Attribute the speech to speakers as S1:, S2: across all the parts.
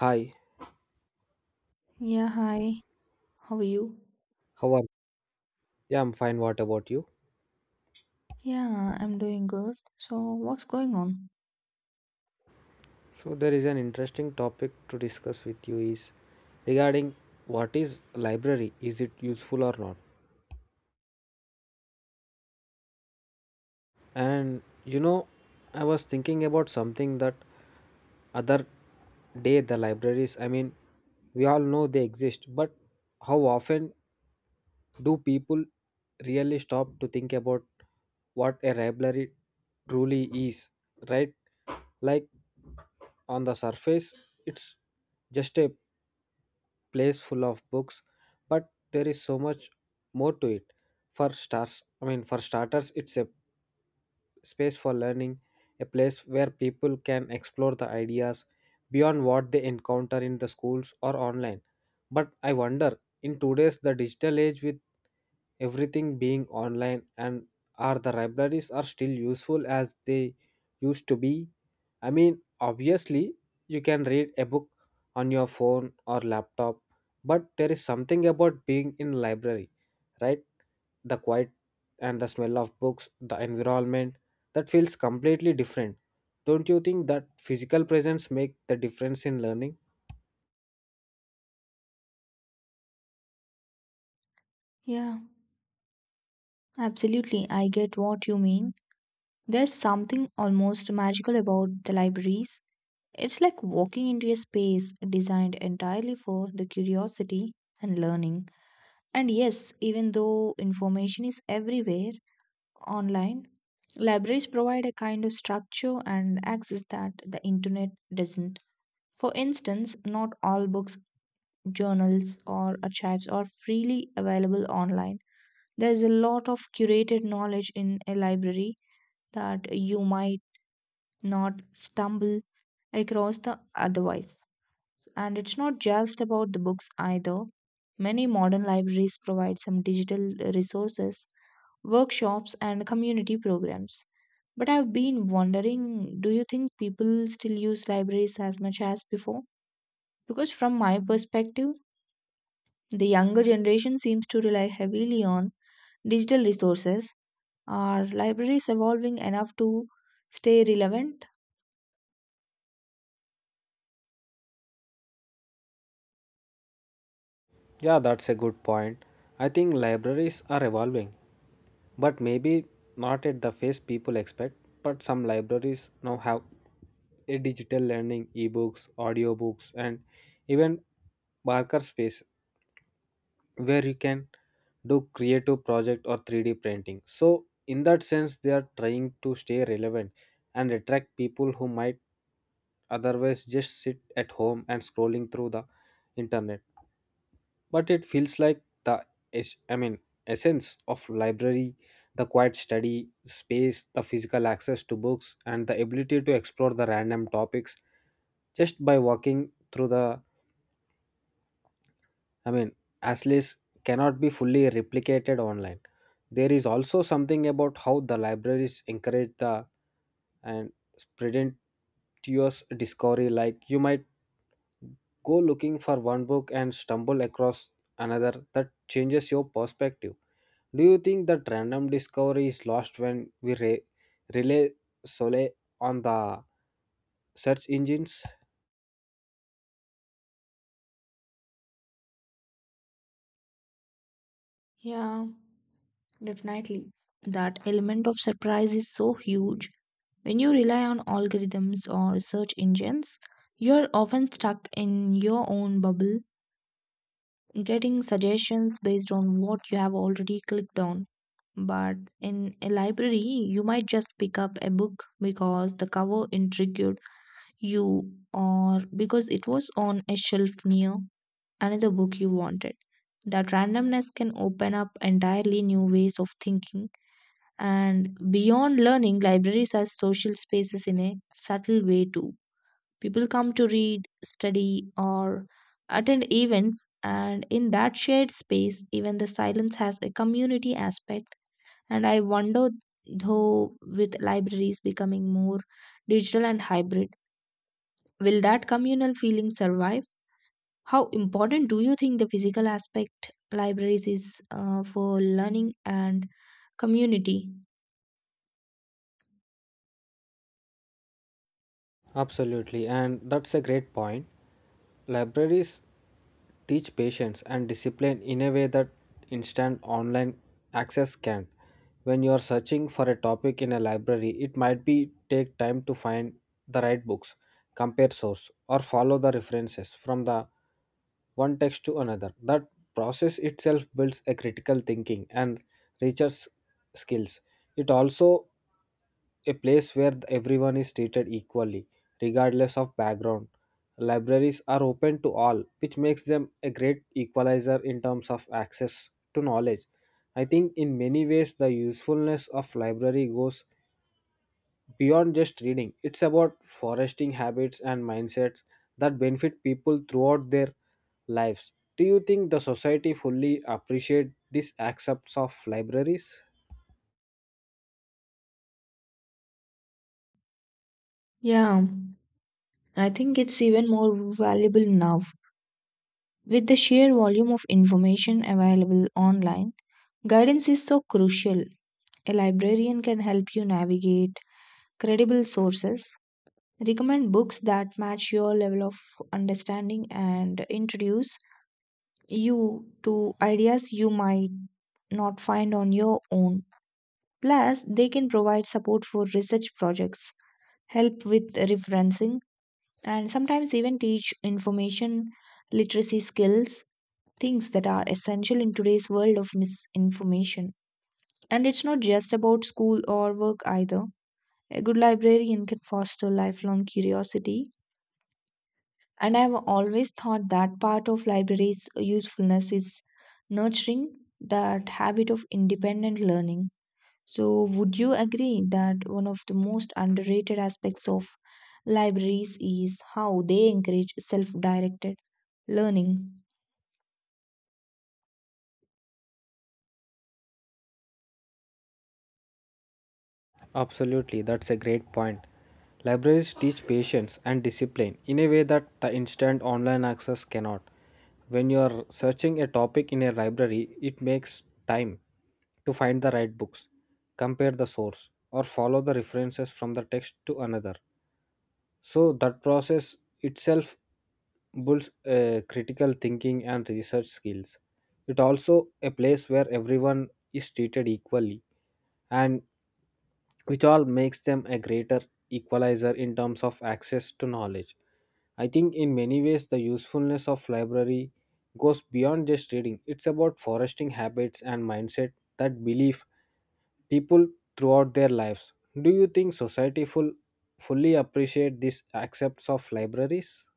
S1: Hi,
S2: Yeah, hi. How are you?
S1: how are you? Yeah, I'm fine. What about you?
S2: Yeah, I'm doing good. So, what's going on?
S1: So there is an interesting topic to discuss with you is regarding what is library? Is it useful or not? And you know, I was thinking about something that other day the libraries, I mean, we all know they exist, but how often do people really stop to think about what a library truly is, right? Like on the surface, it's just a place full of books, but there is so much more to it. For stars, I mean, for starters, it's space for learning, a place where people can explore the ideas beyond what they encounter in the schools or online. But I wonder, in today's the digital age with everything being online and are the libraries are still useful as they used to be? I mean, obviously you can read a book on your phone or laptop, but there is something about being in library, right? The quiet and the smell of books, the environment that feels completely different. Don't you think that physical presence make the difference in learning?
S2: Yeah, absolutely. I get what you mean. There's something almost magical about the libraries. It's like walking into a space designed entirely for the curiosity and learning. And yes, even though information is everywhere online, libraries provide a kind of structure and access that the internet doesn't. For instance, not all books journals, or archives are freely available online. There is a lot of curated knowledge in a library that you might not stumble across the otherwise. So, and it's not just about the books either. Many modern libraries provide some digital resources, workshops, and community programs. But I've been wondering, do you think people still use libraries as much as before? Because, from my perspective, the younger generation seems to rely heavily on digital resources. Are libraries evolving enough to stay relevant?
S1: Yeah, that's a good point. I think libraries are evolving, but maybe not at the pace people expect. But some libraries now have a digital learning, ebooks, audiobooks, and even Barker space where you can do creative project or 3D printing. So in that sense, they are trying to stay relevant and attract people who might otherwise just sit at home and scrolling through the internet. But it feels like the es- I mean essence of library, the quiet study space, the physical access to books, and the ability to explore the random topics just by walking through the I mean, Astley's cannot be fully replicated online. There is also something about how the libraries encourage the and spontaneous discovery. Like you might go looking for one book and stumble across another that changes your perspective. Do you think that random discovery is lost when we rely solely on the search engines?
S2: Yeah, definitely. That element of surprise is so huge. When you rely on algorithms or search engines, you're often stuck in your own bubble, getting suggestions based on what you have already clicked on. But in a library, you might just pick up a book because the cover intrigued you or because it was on a shelf near another book you wanted. That randomness can open up entirely new ways of thinking. And beyond learning, libraries are social spaces in a subtle way too. People come to read, study, or attend events, and in that shared space, even the silence has a community aspect. And I wonder, though, with libraries becoming more digital and hybrid, will that communal feeling survive? How important do you think the physical aspect libraries is for learning and community?
S1: Absolutely, and that's a great point. Libraries teach patience and discipline in a way that instant online access can't. When you are searching for a topic in a library, it might be take time to find the right books, compare source, or follow the references from the one text to another. That process itself builds a critical thinking and research skills. It also a place where everyone is treated equally, regardless of background. Libraries are open to all, which makes them a great equalizer in terms of access to knowledge. I think in many ways the usefulness of library goes beyond just reading. It's about fostering habits and mindsets that benefit people throughout their lives. Do you think the society fully appreciate these aspects of libraries?
S2: Yeah, I think it's even more valuable now. With the sheer volume of information available online, guidance is so crucial. A librarian can help you navigate credible sources, recommend books that match your level of understanding, and introduce you to ideas you might not find on your own. Plus, they can provide support for research projects, help with referencing, and sometimes even teach information literacy skills, things that are essential in today's world of misinformation. And it's not just about school or work either. A good librarian can foster lifelong curiosity. And I've always thought that part of libraries' usefulness is nurturing that habit of independent learning. So, would you agree that one of the most underrated aspects of libraries is how they encourage self directed learning?
S1: Absolutely, that's a great point. Libraries teach patience and discipline in a way that the instant online access cannot. When you are searching a topic in a library, it makes time to find the right books, compare the source, or follow the references from the text to another. So that process itself builds critical thinking and research skills. It also a place where everyone is treated equally and which all makes them a greater equalizer in terms of access to knowledge. I think in many ways the usefulness of library goes beyond just reading. It's about fostering habits and mindset that believe people throughout their lives. Do you think society fully appreciate these aspects of libraries?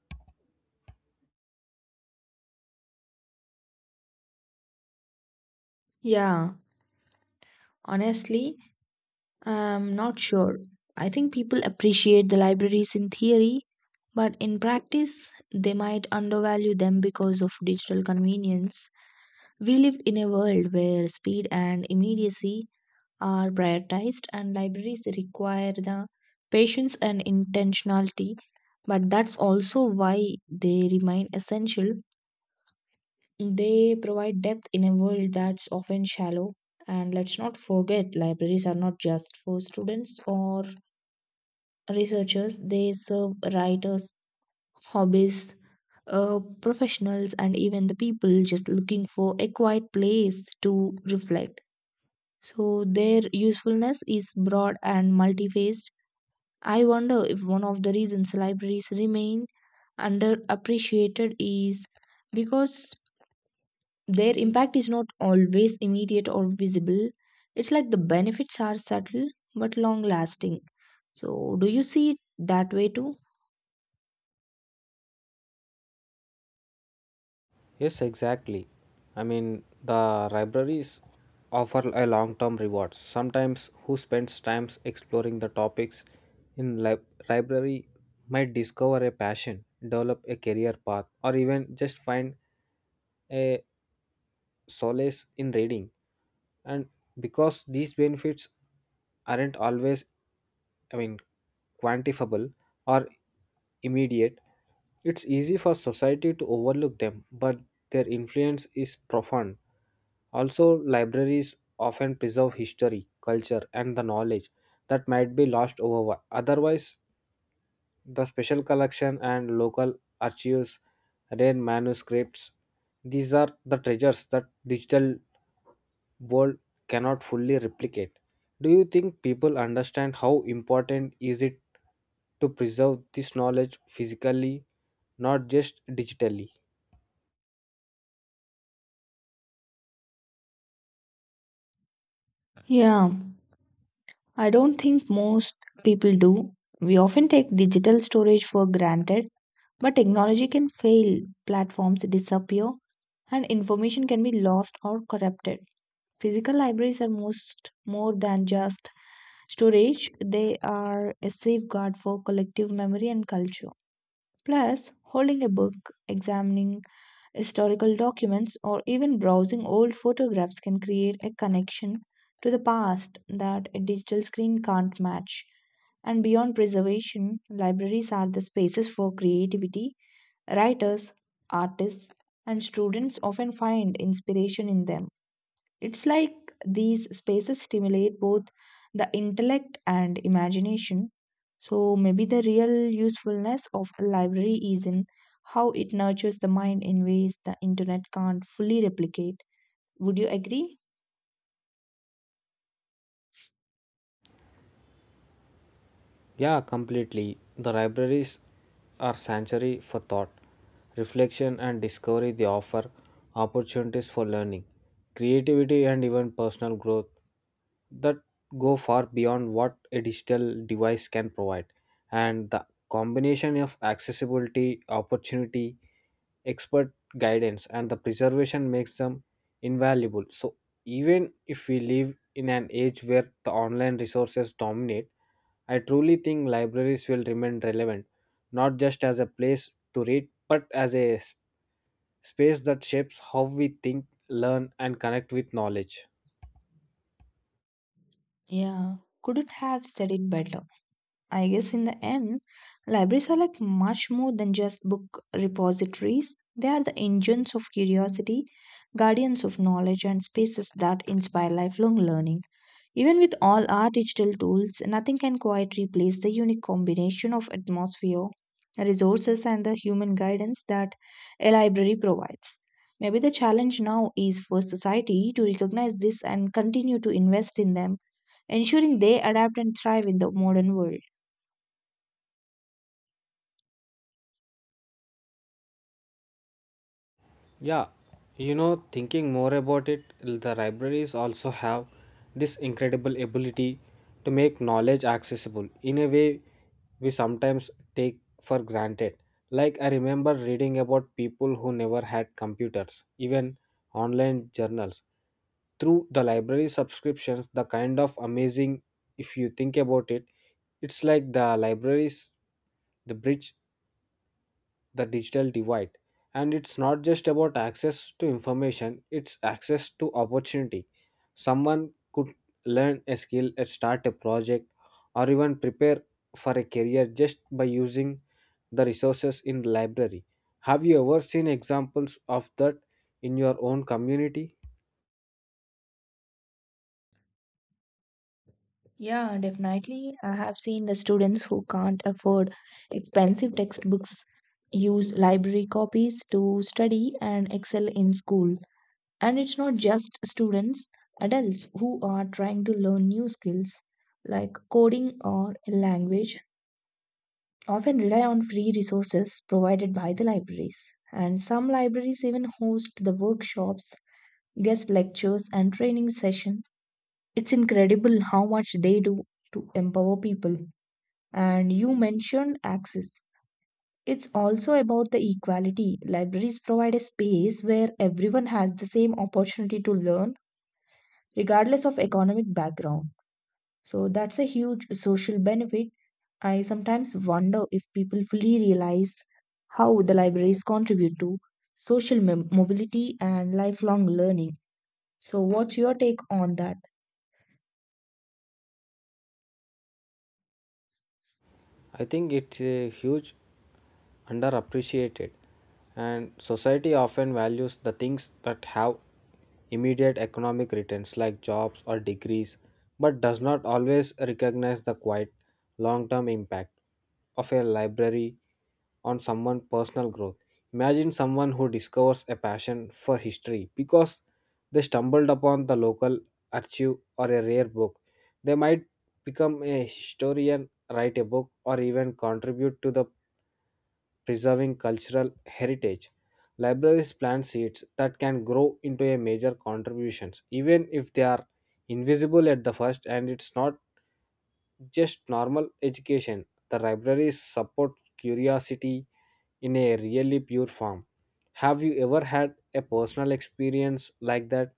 S2: Yeah, honestly, I'm not sure. I think people appreciate the libraries in theory, but in practice, they might undervalue them because of digital convenience. We live in a world where speed and immediacy are prioritized, and libraries require the patience and intentionality. But that's also why they remain essential. They provide depth in a world that's often shallow. And let's not forget, libraries are not just for students or researchers, they serve writers, hobbies, professionals, and even the people just looking for a quiet place to reflect. So their usefulness is broad and multifaced. I wonder if one of the reasons libraries remain underappreciated is because their impact is not always immediate or visible. It's like the benefits are subtle but long lasting. So, do you see it that way too?
S1: Yes, exactly. I mean, the libraries offer a long-term rewards. Sometimes who spends times exploring the topics in library might discover a passion, develop a career path, or even just find a solace in reading. And because these benefits aren't always I mean, quantifiable or immediate, it's easy for society to overlook them, but their influence is profound. Also, libraries often preserve history, culture, and the knowledge that might be lost over otherwise the special collection and local archives, rare manuscripts. These are the treasures that digital world cannot fully replicate. Do you think people understand how important is it to preserve this knowledge physically, not just digitally?
S2: Yeah, I don't think most people do. We often take digital storage for granted. But technology can fail, platforms disappear, and information can be lost or corrupted. Physical libraries are most more than just storage, they are a safeguard for collective memory and culture. Plus, holding a book, examining historical documents, or even browsing old photographs can create a connection to the past that a digital screen can't match. And beyond preservation, libraries are the spaces for creativity. Writers, artists, and students often find inspiration in them. It's like these spaces stimulate both the intellect and imagination. So maybe the real usefulness of a library is in how it nurtures the mind in ways the internet can't fully replicate. Would you agree?
S1: Yeah, completely. The libraries are sanctuary for thought, reflection, and discovery. They offer opportunities for learning, creativity, and even personal growth that go far beyond what a digital device can provide. And the combination of accessibility, opportunity, expert guidance, and the preservation makes them invaluable. So, even if we live in an age where the online resources dominate, I truly think libraries will remain relevant, not just as a place to read, but as a space that shapes how we think, learn, and connect with knowledge.
S2: Yeah, couldn't have said it better. I guess in the end, libraries are like much more than just book repositories. They are the engines of curiosity, guardians of knowledge, and spaces that inspire lifelong learning. Even with all our digital tools, nothing can quite replace the unique combination of atmosphere, resources, and the human guidance that a library provides. Maybe the challenge now is for society to recognize this and continue to invest in them, ensuring they adapt and thrive in the modern world.
S1: Yeah, you know, thinking more about it, the libraries also have this incredible ability to make knowledge accessible in a way we sometimes take for granted. Like I remember reading about people who never had computers, even online journals. Through the library subscriptions, the kind of amazing, if you think about it, it's like the libraries the bridge the digital divide, and it's not just about access to information, it's access to opportunity. Someone could learn a skill and start a project, or even prepare for a career just by using the resources in the library. Have you ever seen examples of that in your own community?
S2: Yeah, definitely. I have seen the students who can't afford expensive textbooks use library copies to study and excel in school. And it's not just students, adults who are trying to learn new skills like coding or a language often rely on free resources provided by the libraries. And some libraries even host the workshops, guest lectures, and training sessions. It's incredible how much they do to empower people. And you mentioned access. It's also about the equality. Libraries provide a space where everyone has the same opportunity to learn, regardless of economic background. So that's a huge social benefit. I sometimes wonder if people fully realize how the libraries contribute to social mobility and lifelong learning. So, what's your take on that?
S1: I think it's a huge underappreciated, and society often values the things that have immediate economic returns like jobs or degrees, but does not always recognize the quiet long-term impact of a library on someone's personal growth. Imagine someone who discovers a passion for history because they stumbled upon the local archive or a rare book. They might become a historian, write a book, or even contribute to the preserving cultural heritage. Libraries plant seeds that can grow into a major contributions, even if they are invisible at the first. And it's not just normal education. The libraries support curiosity in a really pure form. Have you ever had a personal experience like that,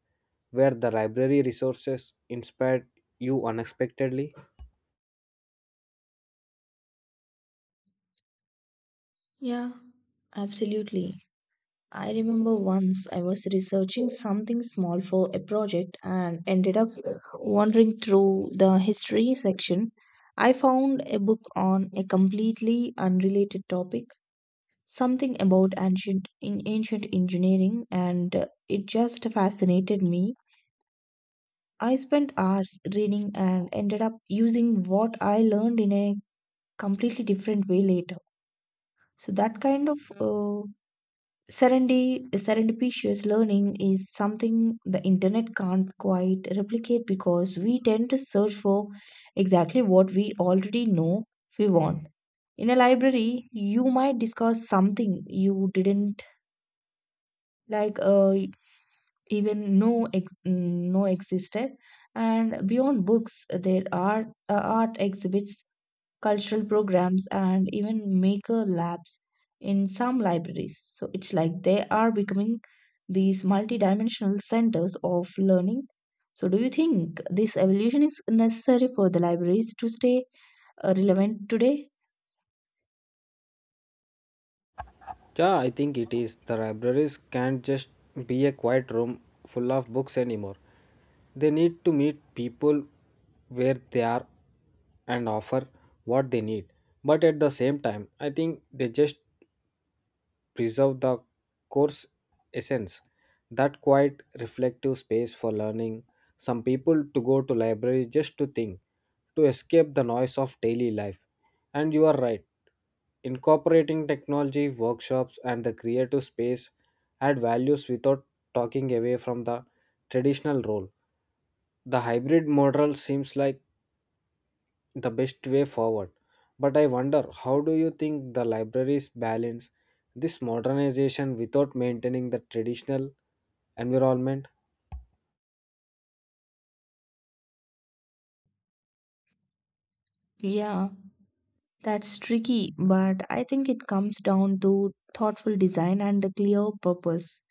S1: where the library resources inspired you unexpectedly?
S2: Yeah, absolutely. I remember once I was researching something small for a project and ended up wandering through the history section. I found a book on a completely unrelated topic, something about ancient engineering, and it just fascinated me. I spent hours reading and ended up using what I learned in a completely different way later. So that kind of serendipitous learning is something the internet can't quite replicate because we tend to search for exactly what we already know we want. In a library, you might discover something you didn't like even know existed. And beyond books, there are art exhibits, cultural programs, and even maker labs in some libraries. So it's like they are becoming these multidimensional centers of learning. So, do you think this evolution is necessary for the libraries to stay relevant today?
S1: Yeah, I think it is. The libraries can't just be a quiet room full of books anymore. They need to meet people where they are and offer what they need. But at the same time, I think they just preserve the course essence, that quiet reflective space for learning, some people to go to library just to think, to escape the noise of daily life. And you are right, incorporating technology workshops and the creative space add values without talking away from the traditional role. The hybrid model seems like the best way forward. But I wonder, how do you think the libraries balance this modernization without maintaining the traditional environment?
S2: Yeah, that's tricky, but I think it comes down to thoughtful design and a clear purpose.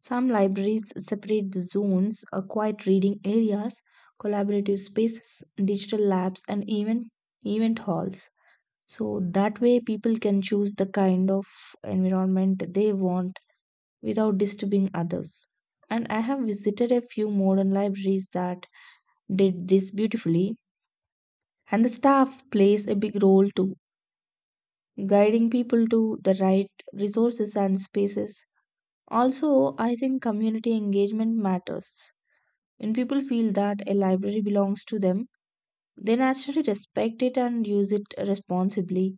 S2: Some libraries separate the zones, quiet reading areas, collaborative spaces, digital labs, and even event halls. So that way, people can choose the kind of environment they want without disturbing others. And I have visited a few modern libraries that did this beautifully, and the staff plays a big role too, guiding people to the right resources and spaces. Also, I think community engagement matters. When people feel that a library belongs to them, they naturally respect it and use it responsibly.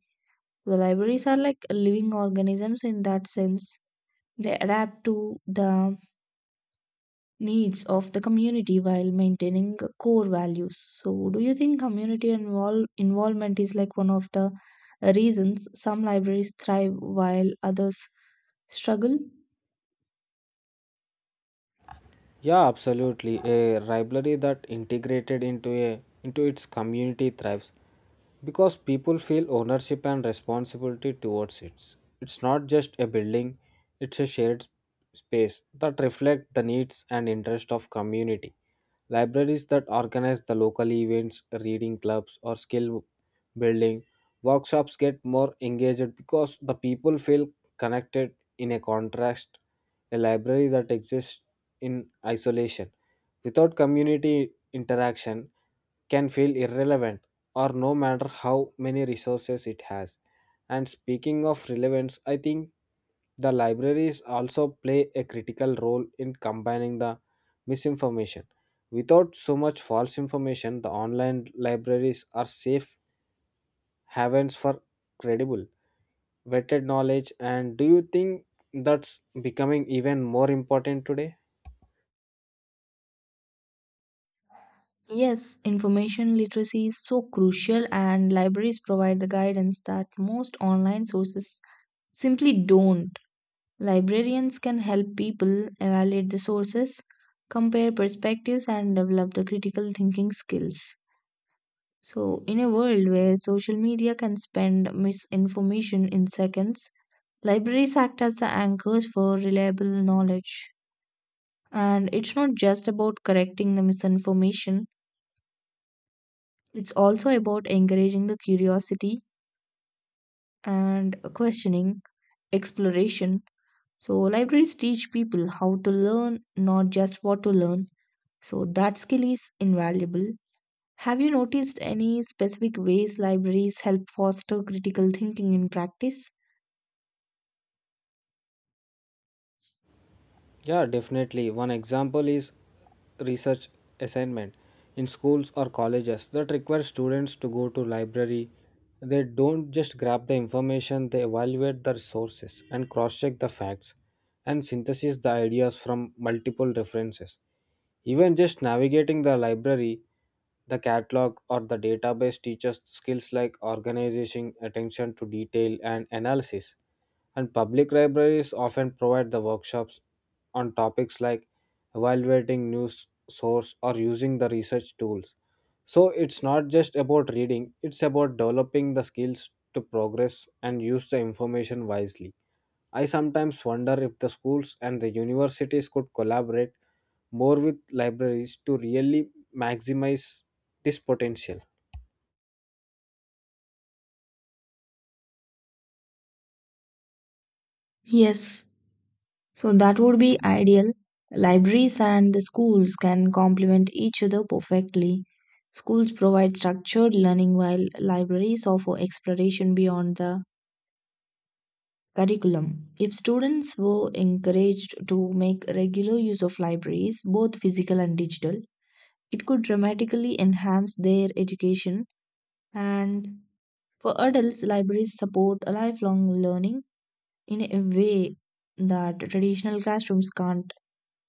S2: The libraries are like living organisms in that sense. They adapt to the needs of the community while maintaining core values. So, do you think community involvement is like one of the reasons some libraries thrive while others struggle?
S1: Yeah, absolutely. A library that integrated into its community thrives because people feel ownership and responsibility towards it. It's not just a building, it's a shared space that reflects the needs and interest of community. Libraries that organize the local events, reading clubs, or skill building workshops get more engaged because the people feel connected in a contrast. A library that exists in isolation without community interaction can feel irrelevant, or no matter how many resources it has. And speaking of relevance, I think the libraries also play a critical role in combining the misinformation. Without so much false information, the online libraries are safe havens for credible, vetted knowledge. And do you think that's becoming even more important today?
S2: Yes, information literacy is so crucial, and libraries provide the guidance that most online sources simply don't. Librarians can help people evaluate the sources, compare perspectives, and develop the critical thinking skills. So, in a world where social media can spend misinformation in seconds, libraries act as the anchors for reliable knowledge. And it's not just about correcting the misinformation. It's also about encouraging the curiosity and questioning, exploration. So, libraries teach people how to learn, not just what to learn. So, that skill is invaluable. Have you noticed any specific ways libraries help foster critical thinking in practice?
S1: Yeah, definitely. One example is research assignment in schools or colleges that require students to go to library. They don't just grab the information, they evaluate the sources and cross-check the facts and synthesize the ideas from multiple references. Even just navigating the library, the catalog or the database teaches skills like organization, attention to detail, and analysis. And public libraries often provide the workshops on topics like evaluating news source or using the research tools. So it's not just about reading, it's about developing the skills to progress and use the information wisely. I sometimes wonder if the schools and the universities could collaborate more with libraries to really maximize this potential.
S2: Yes, so that would be ideal. Libraries and the schools can complement each other perfectly. Schools provide structured learning while libraries offer exploration beyond the curriculum. If students were encouraged to make regular use of libraries, both physical and digital, it could dramatically enhance their education. And for adults, libraries support a lifelong learning in a way that traditional classrooms can't.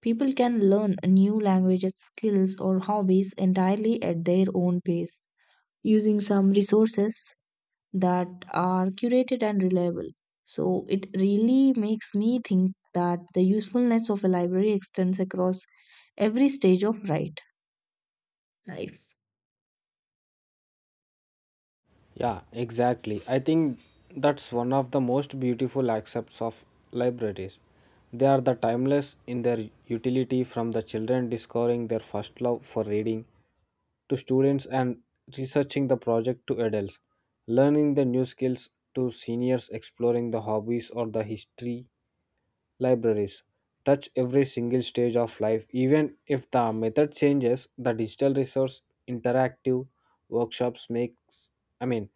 S2: People can learn new languages, skills, or hobbies entirely at their own pace. Using some resources that are curated and reliable. So it really makes me think that the usefulness of a library extends across every stage of right life.
S1: Yeah, exactly. I think that's one of the most beautiful aspects of libraries. They are the timeless in their utility, from the children discovering their first love for reading, to students and researching the project, to adults learning the new skills, to seniors exploring the hobbies or the history. Libraries touch every single stage of life. Even if the method changes, the digital resource, interactive workshops, makes I mean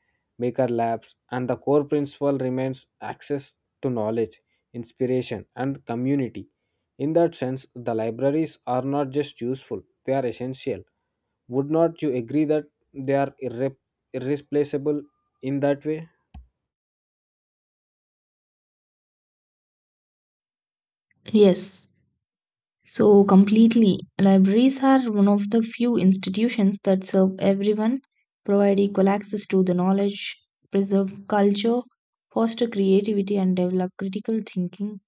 S1: maker labs, and the core principle remains access to knowledge, inspiration, and community. In that sense, the libraries are not just useful, they are essential. Would not you agree that they are irreplaceable in that way?
S2: Yes. So completely, libraries are one of the few institutions that serve everyone, provide equal access to the knowledge, preserve culture, foster creativity, and develop critical thinking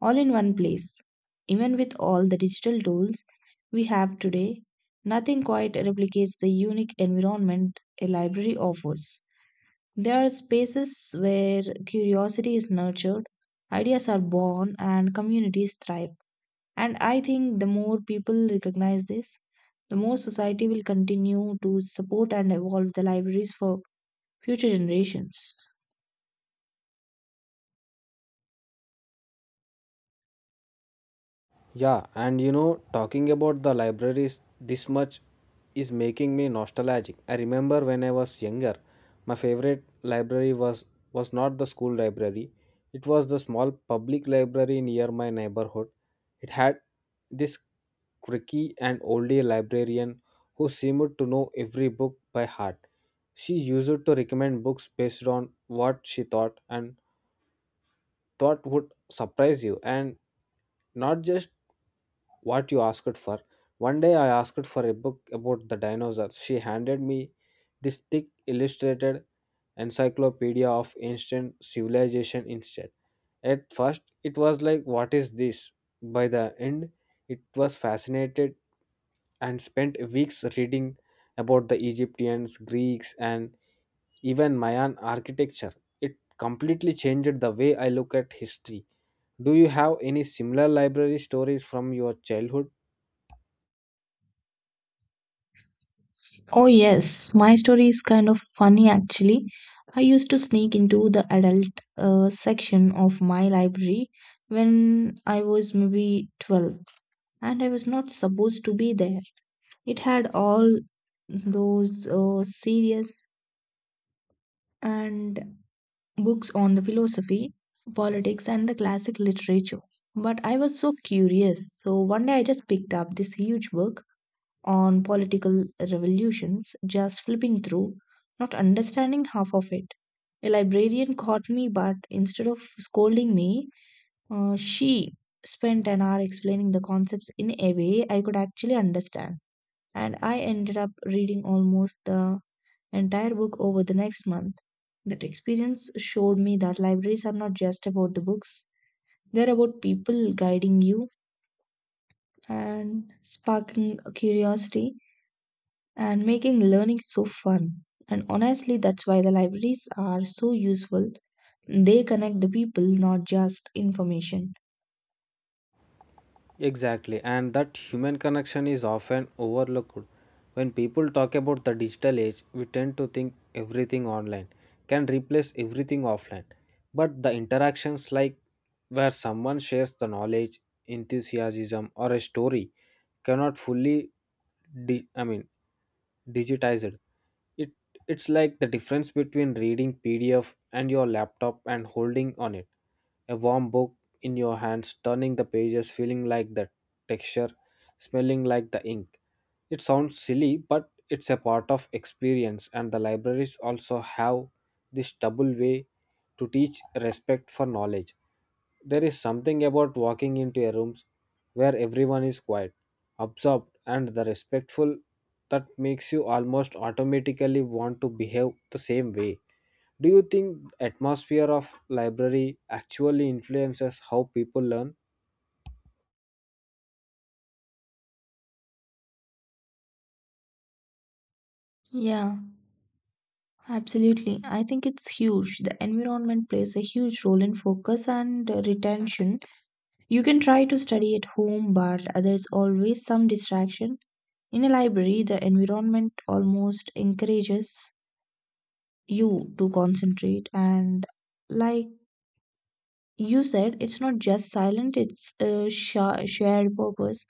S2: all in one place. Even with all the digital tools we have today, nothing quite replicates the unique environment a library offers. There are spaces where curiosity is nurtured, ideas are born, and communities thrive. And I think the more people recognize this, the more society will continue to support and evolve the libraries for future generations.
S1: Yeah, and you know, talking about the libraries this much is making me nostalgic. I remember when I was younger, my favorite library was not the school library. It was the small public library near my neighborhood. It had this quirky and oldie librarian who seemed to know every book by heart. She used to recommend books based on what she thought would surprise you, and not just what you asked for. One day I asked for a book about the dinosaurs. She handed me this thick illustrated encyclopedia of ancient civilization instead. At first it was like, what is this? By the end it was fascinated, and spent weeks reading about the Egyptians, Greeks, and even Mayan architecture. It completely changed the way I look at history. Do you have any similar library stories from your childhood?
S2: Oh, yes, my story is kind of funny actually. I used to sneak into the adult section of my library when I was maybe 12, and I was not supposed to be there. It had all those serious and books on the philosophy, politics, and the classic literature. But I was so curious, so one day I just picked up this huge book on political revolutions, just flipping through, not understanding half of it. A librarian caught me, but instead of scolding me, she spent an hour explaining the concepts in a way I could actually understand. And I ended up reading almost the entire book over the next month. That experience showed me that libraries are not just about the books, they're about people guiding you and sparking curiosity and making learning so fun. And honestly, that's why the libraries are so useful. They connect the people, not just information.
S1: Exactly, and that human connection is often overlooked. When people talk about the digital age, we tend to think everything online can replace everything offline. But the interactions, like where someone shares the knowledge, enthusiasm, or a story, cannot fully, di- I mean, digitized. It it's like the difference between reading PDF and your laptop and holding on it. A warm book in your hands, turning the pages, feeling like the texture, smelling like the ink. It sounds silly, but it's a part of experience. And the libraries also have this double way to teach respect for knowledge. There is something about walking into a room where everyone is quiet, absorbed, and the respectful, that makes you almost automatically want to behave the same way. Do you think the atmosphere of library actually influences how people learn?
S2: Yeah, absolutely. I think it's huge. The environment plays a huge role in focus and retention. You can try to study at home, but there's always some distraction. In a library, the environment almost encourages you to concentrate, and like you said, it's not just silent, it's a shared purpose.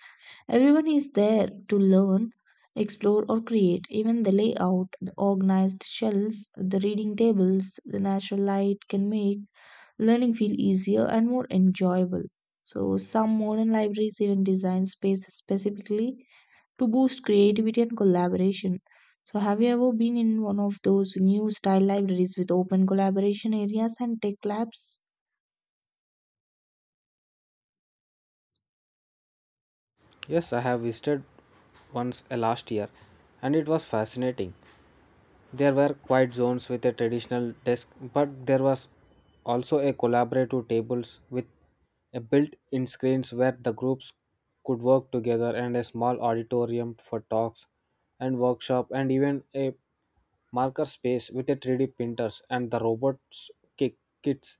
S2: Everyone is there to learn, explore, or create. Even the layout, the organized shelves, the reading tables, the natural light can make learning feel easier and more enjoyable. So some modern libraries even design spaces specifically to boost creativity and collaboration. So have you ever been in one of those new style libraries with open collaboration areas and tech labs?
S1: Yes, I have visited once last year, and it was fascinating. There were quiet zones with a traditional desk, but there was also a collaborative tables with a built-in screens where the groups could work together, and a small auditorium for talks and workshop, and even a marker space with a 3D printers and the robots kits.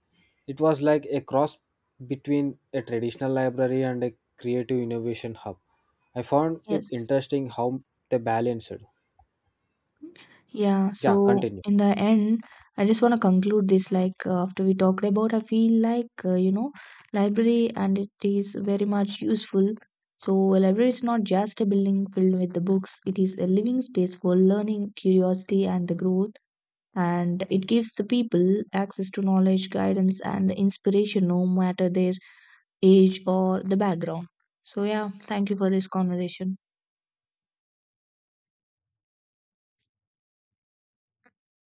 S1: It was like a cross between a traditional library and a creative innovation hub. I found it
S2: Yes.
S1: interesting how they balanced.
S2: Yeah,
S1: Yeah,
S2: so
S1: continue.
S2: in the end, I just want to conclude this like after we talked about, I feel like library and it is very much useful. So a library is not just a building filled with the books; it is a living space for learning, curiosity, and the growth. And it gives the people access to knowledge, guidance, and the inspiration, no matter their age or the background. So yeah, thank you for this conversation.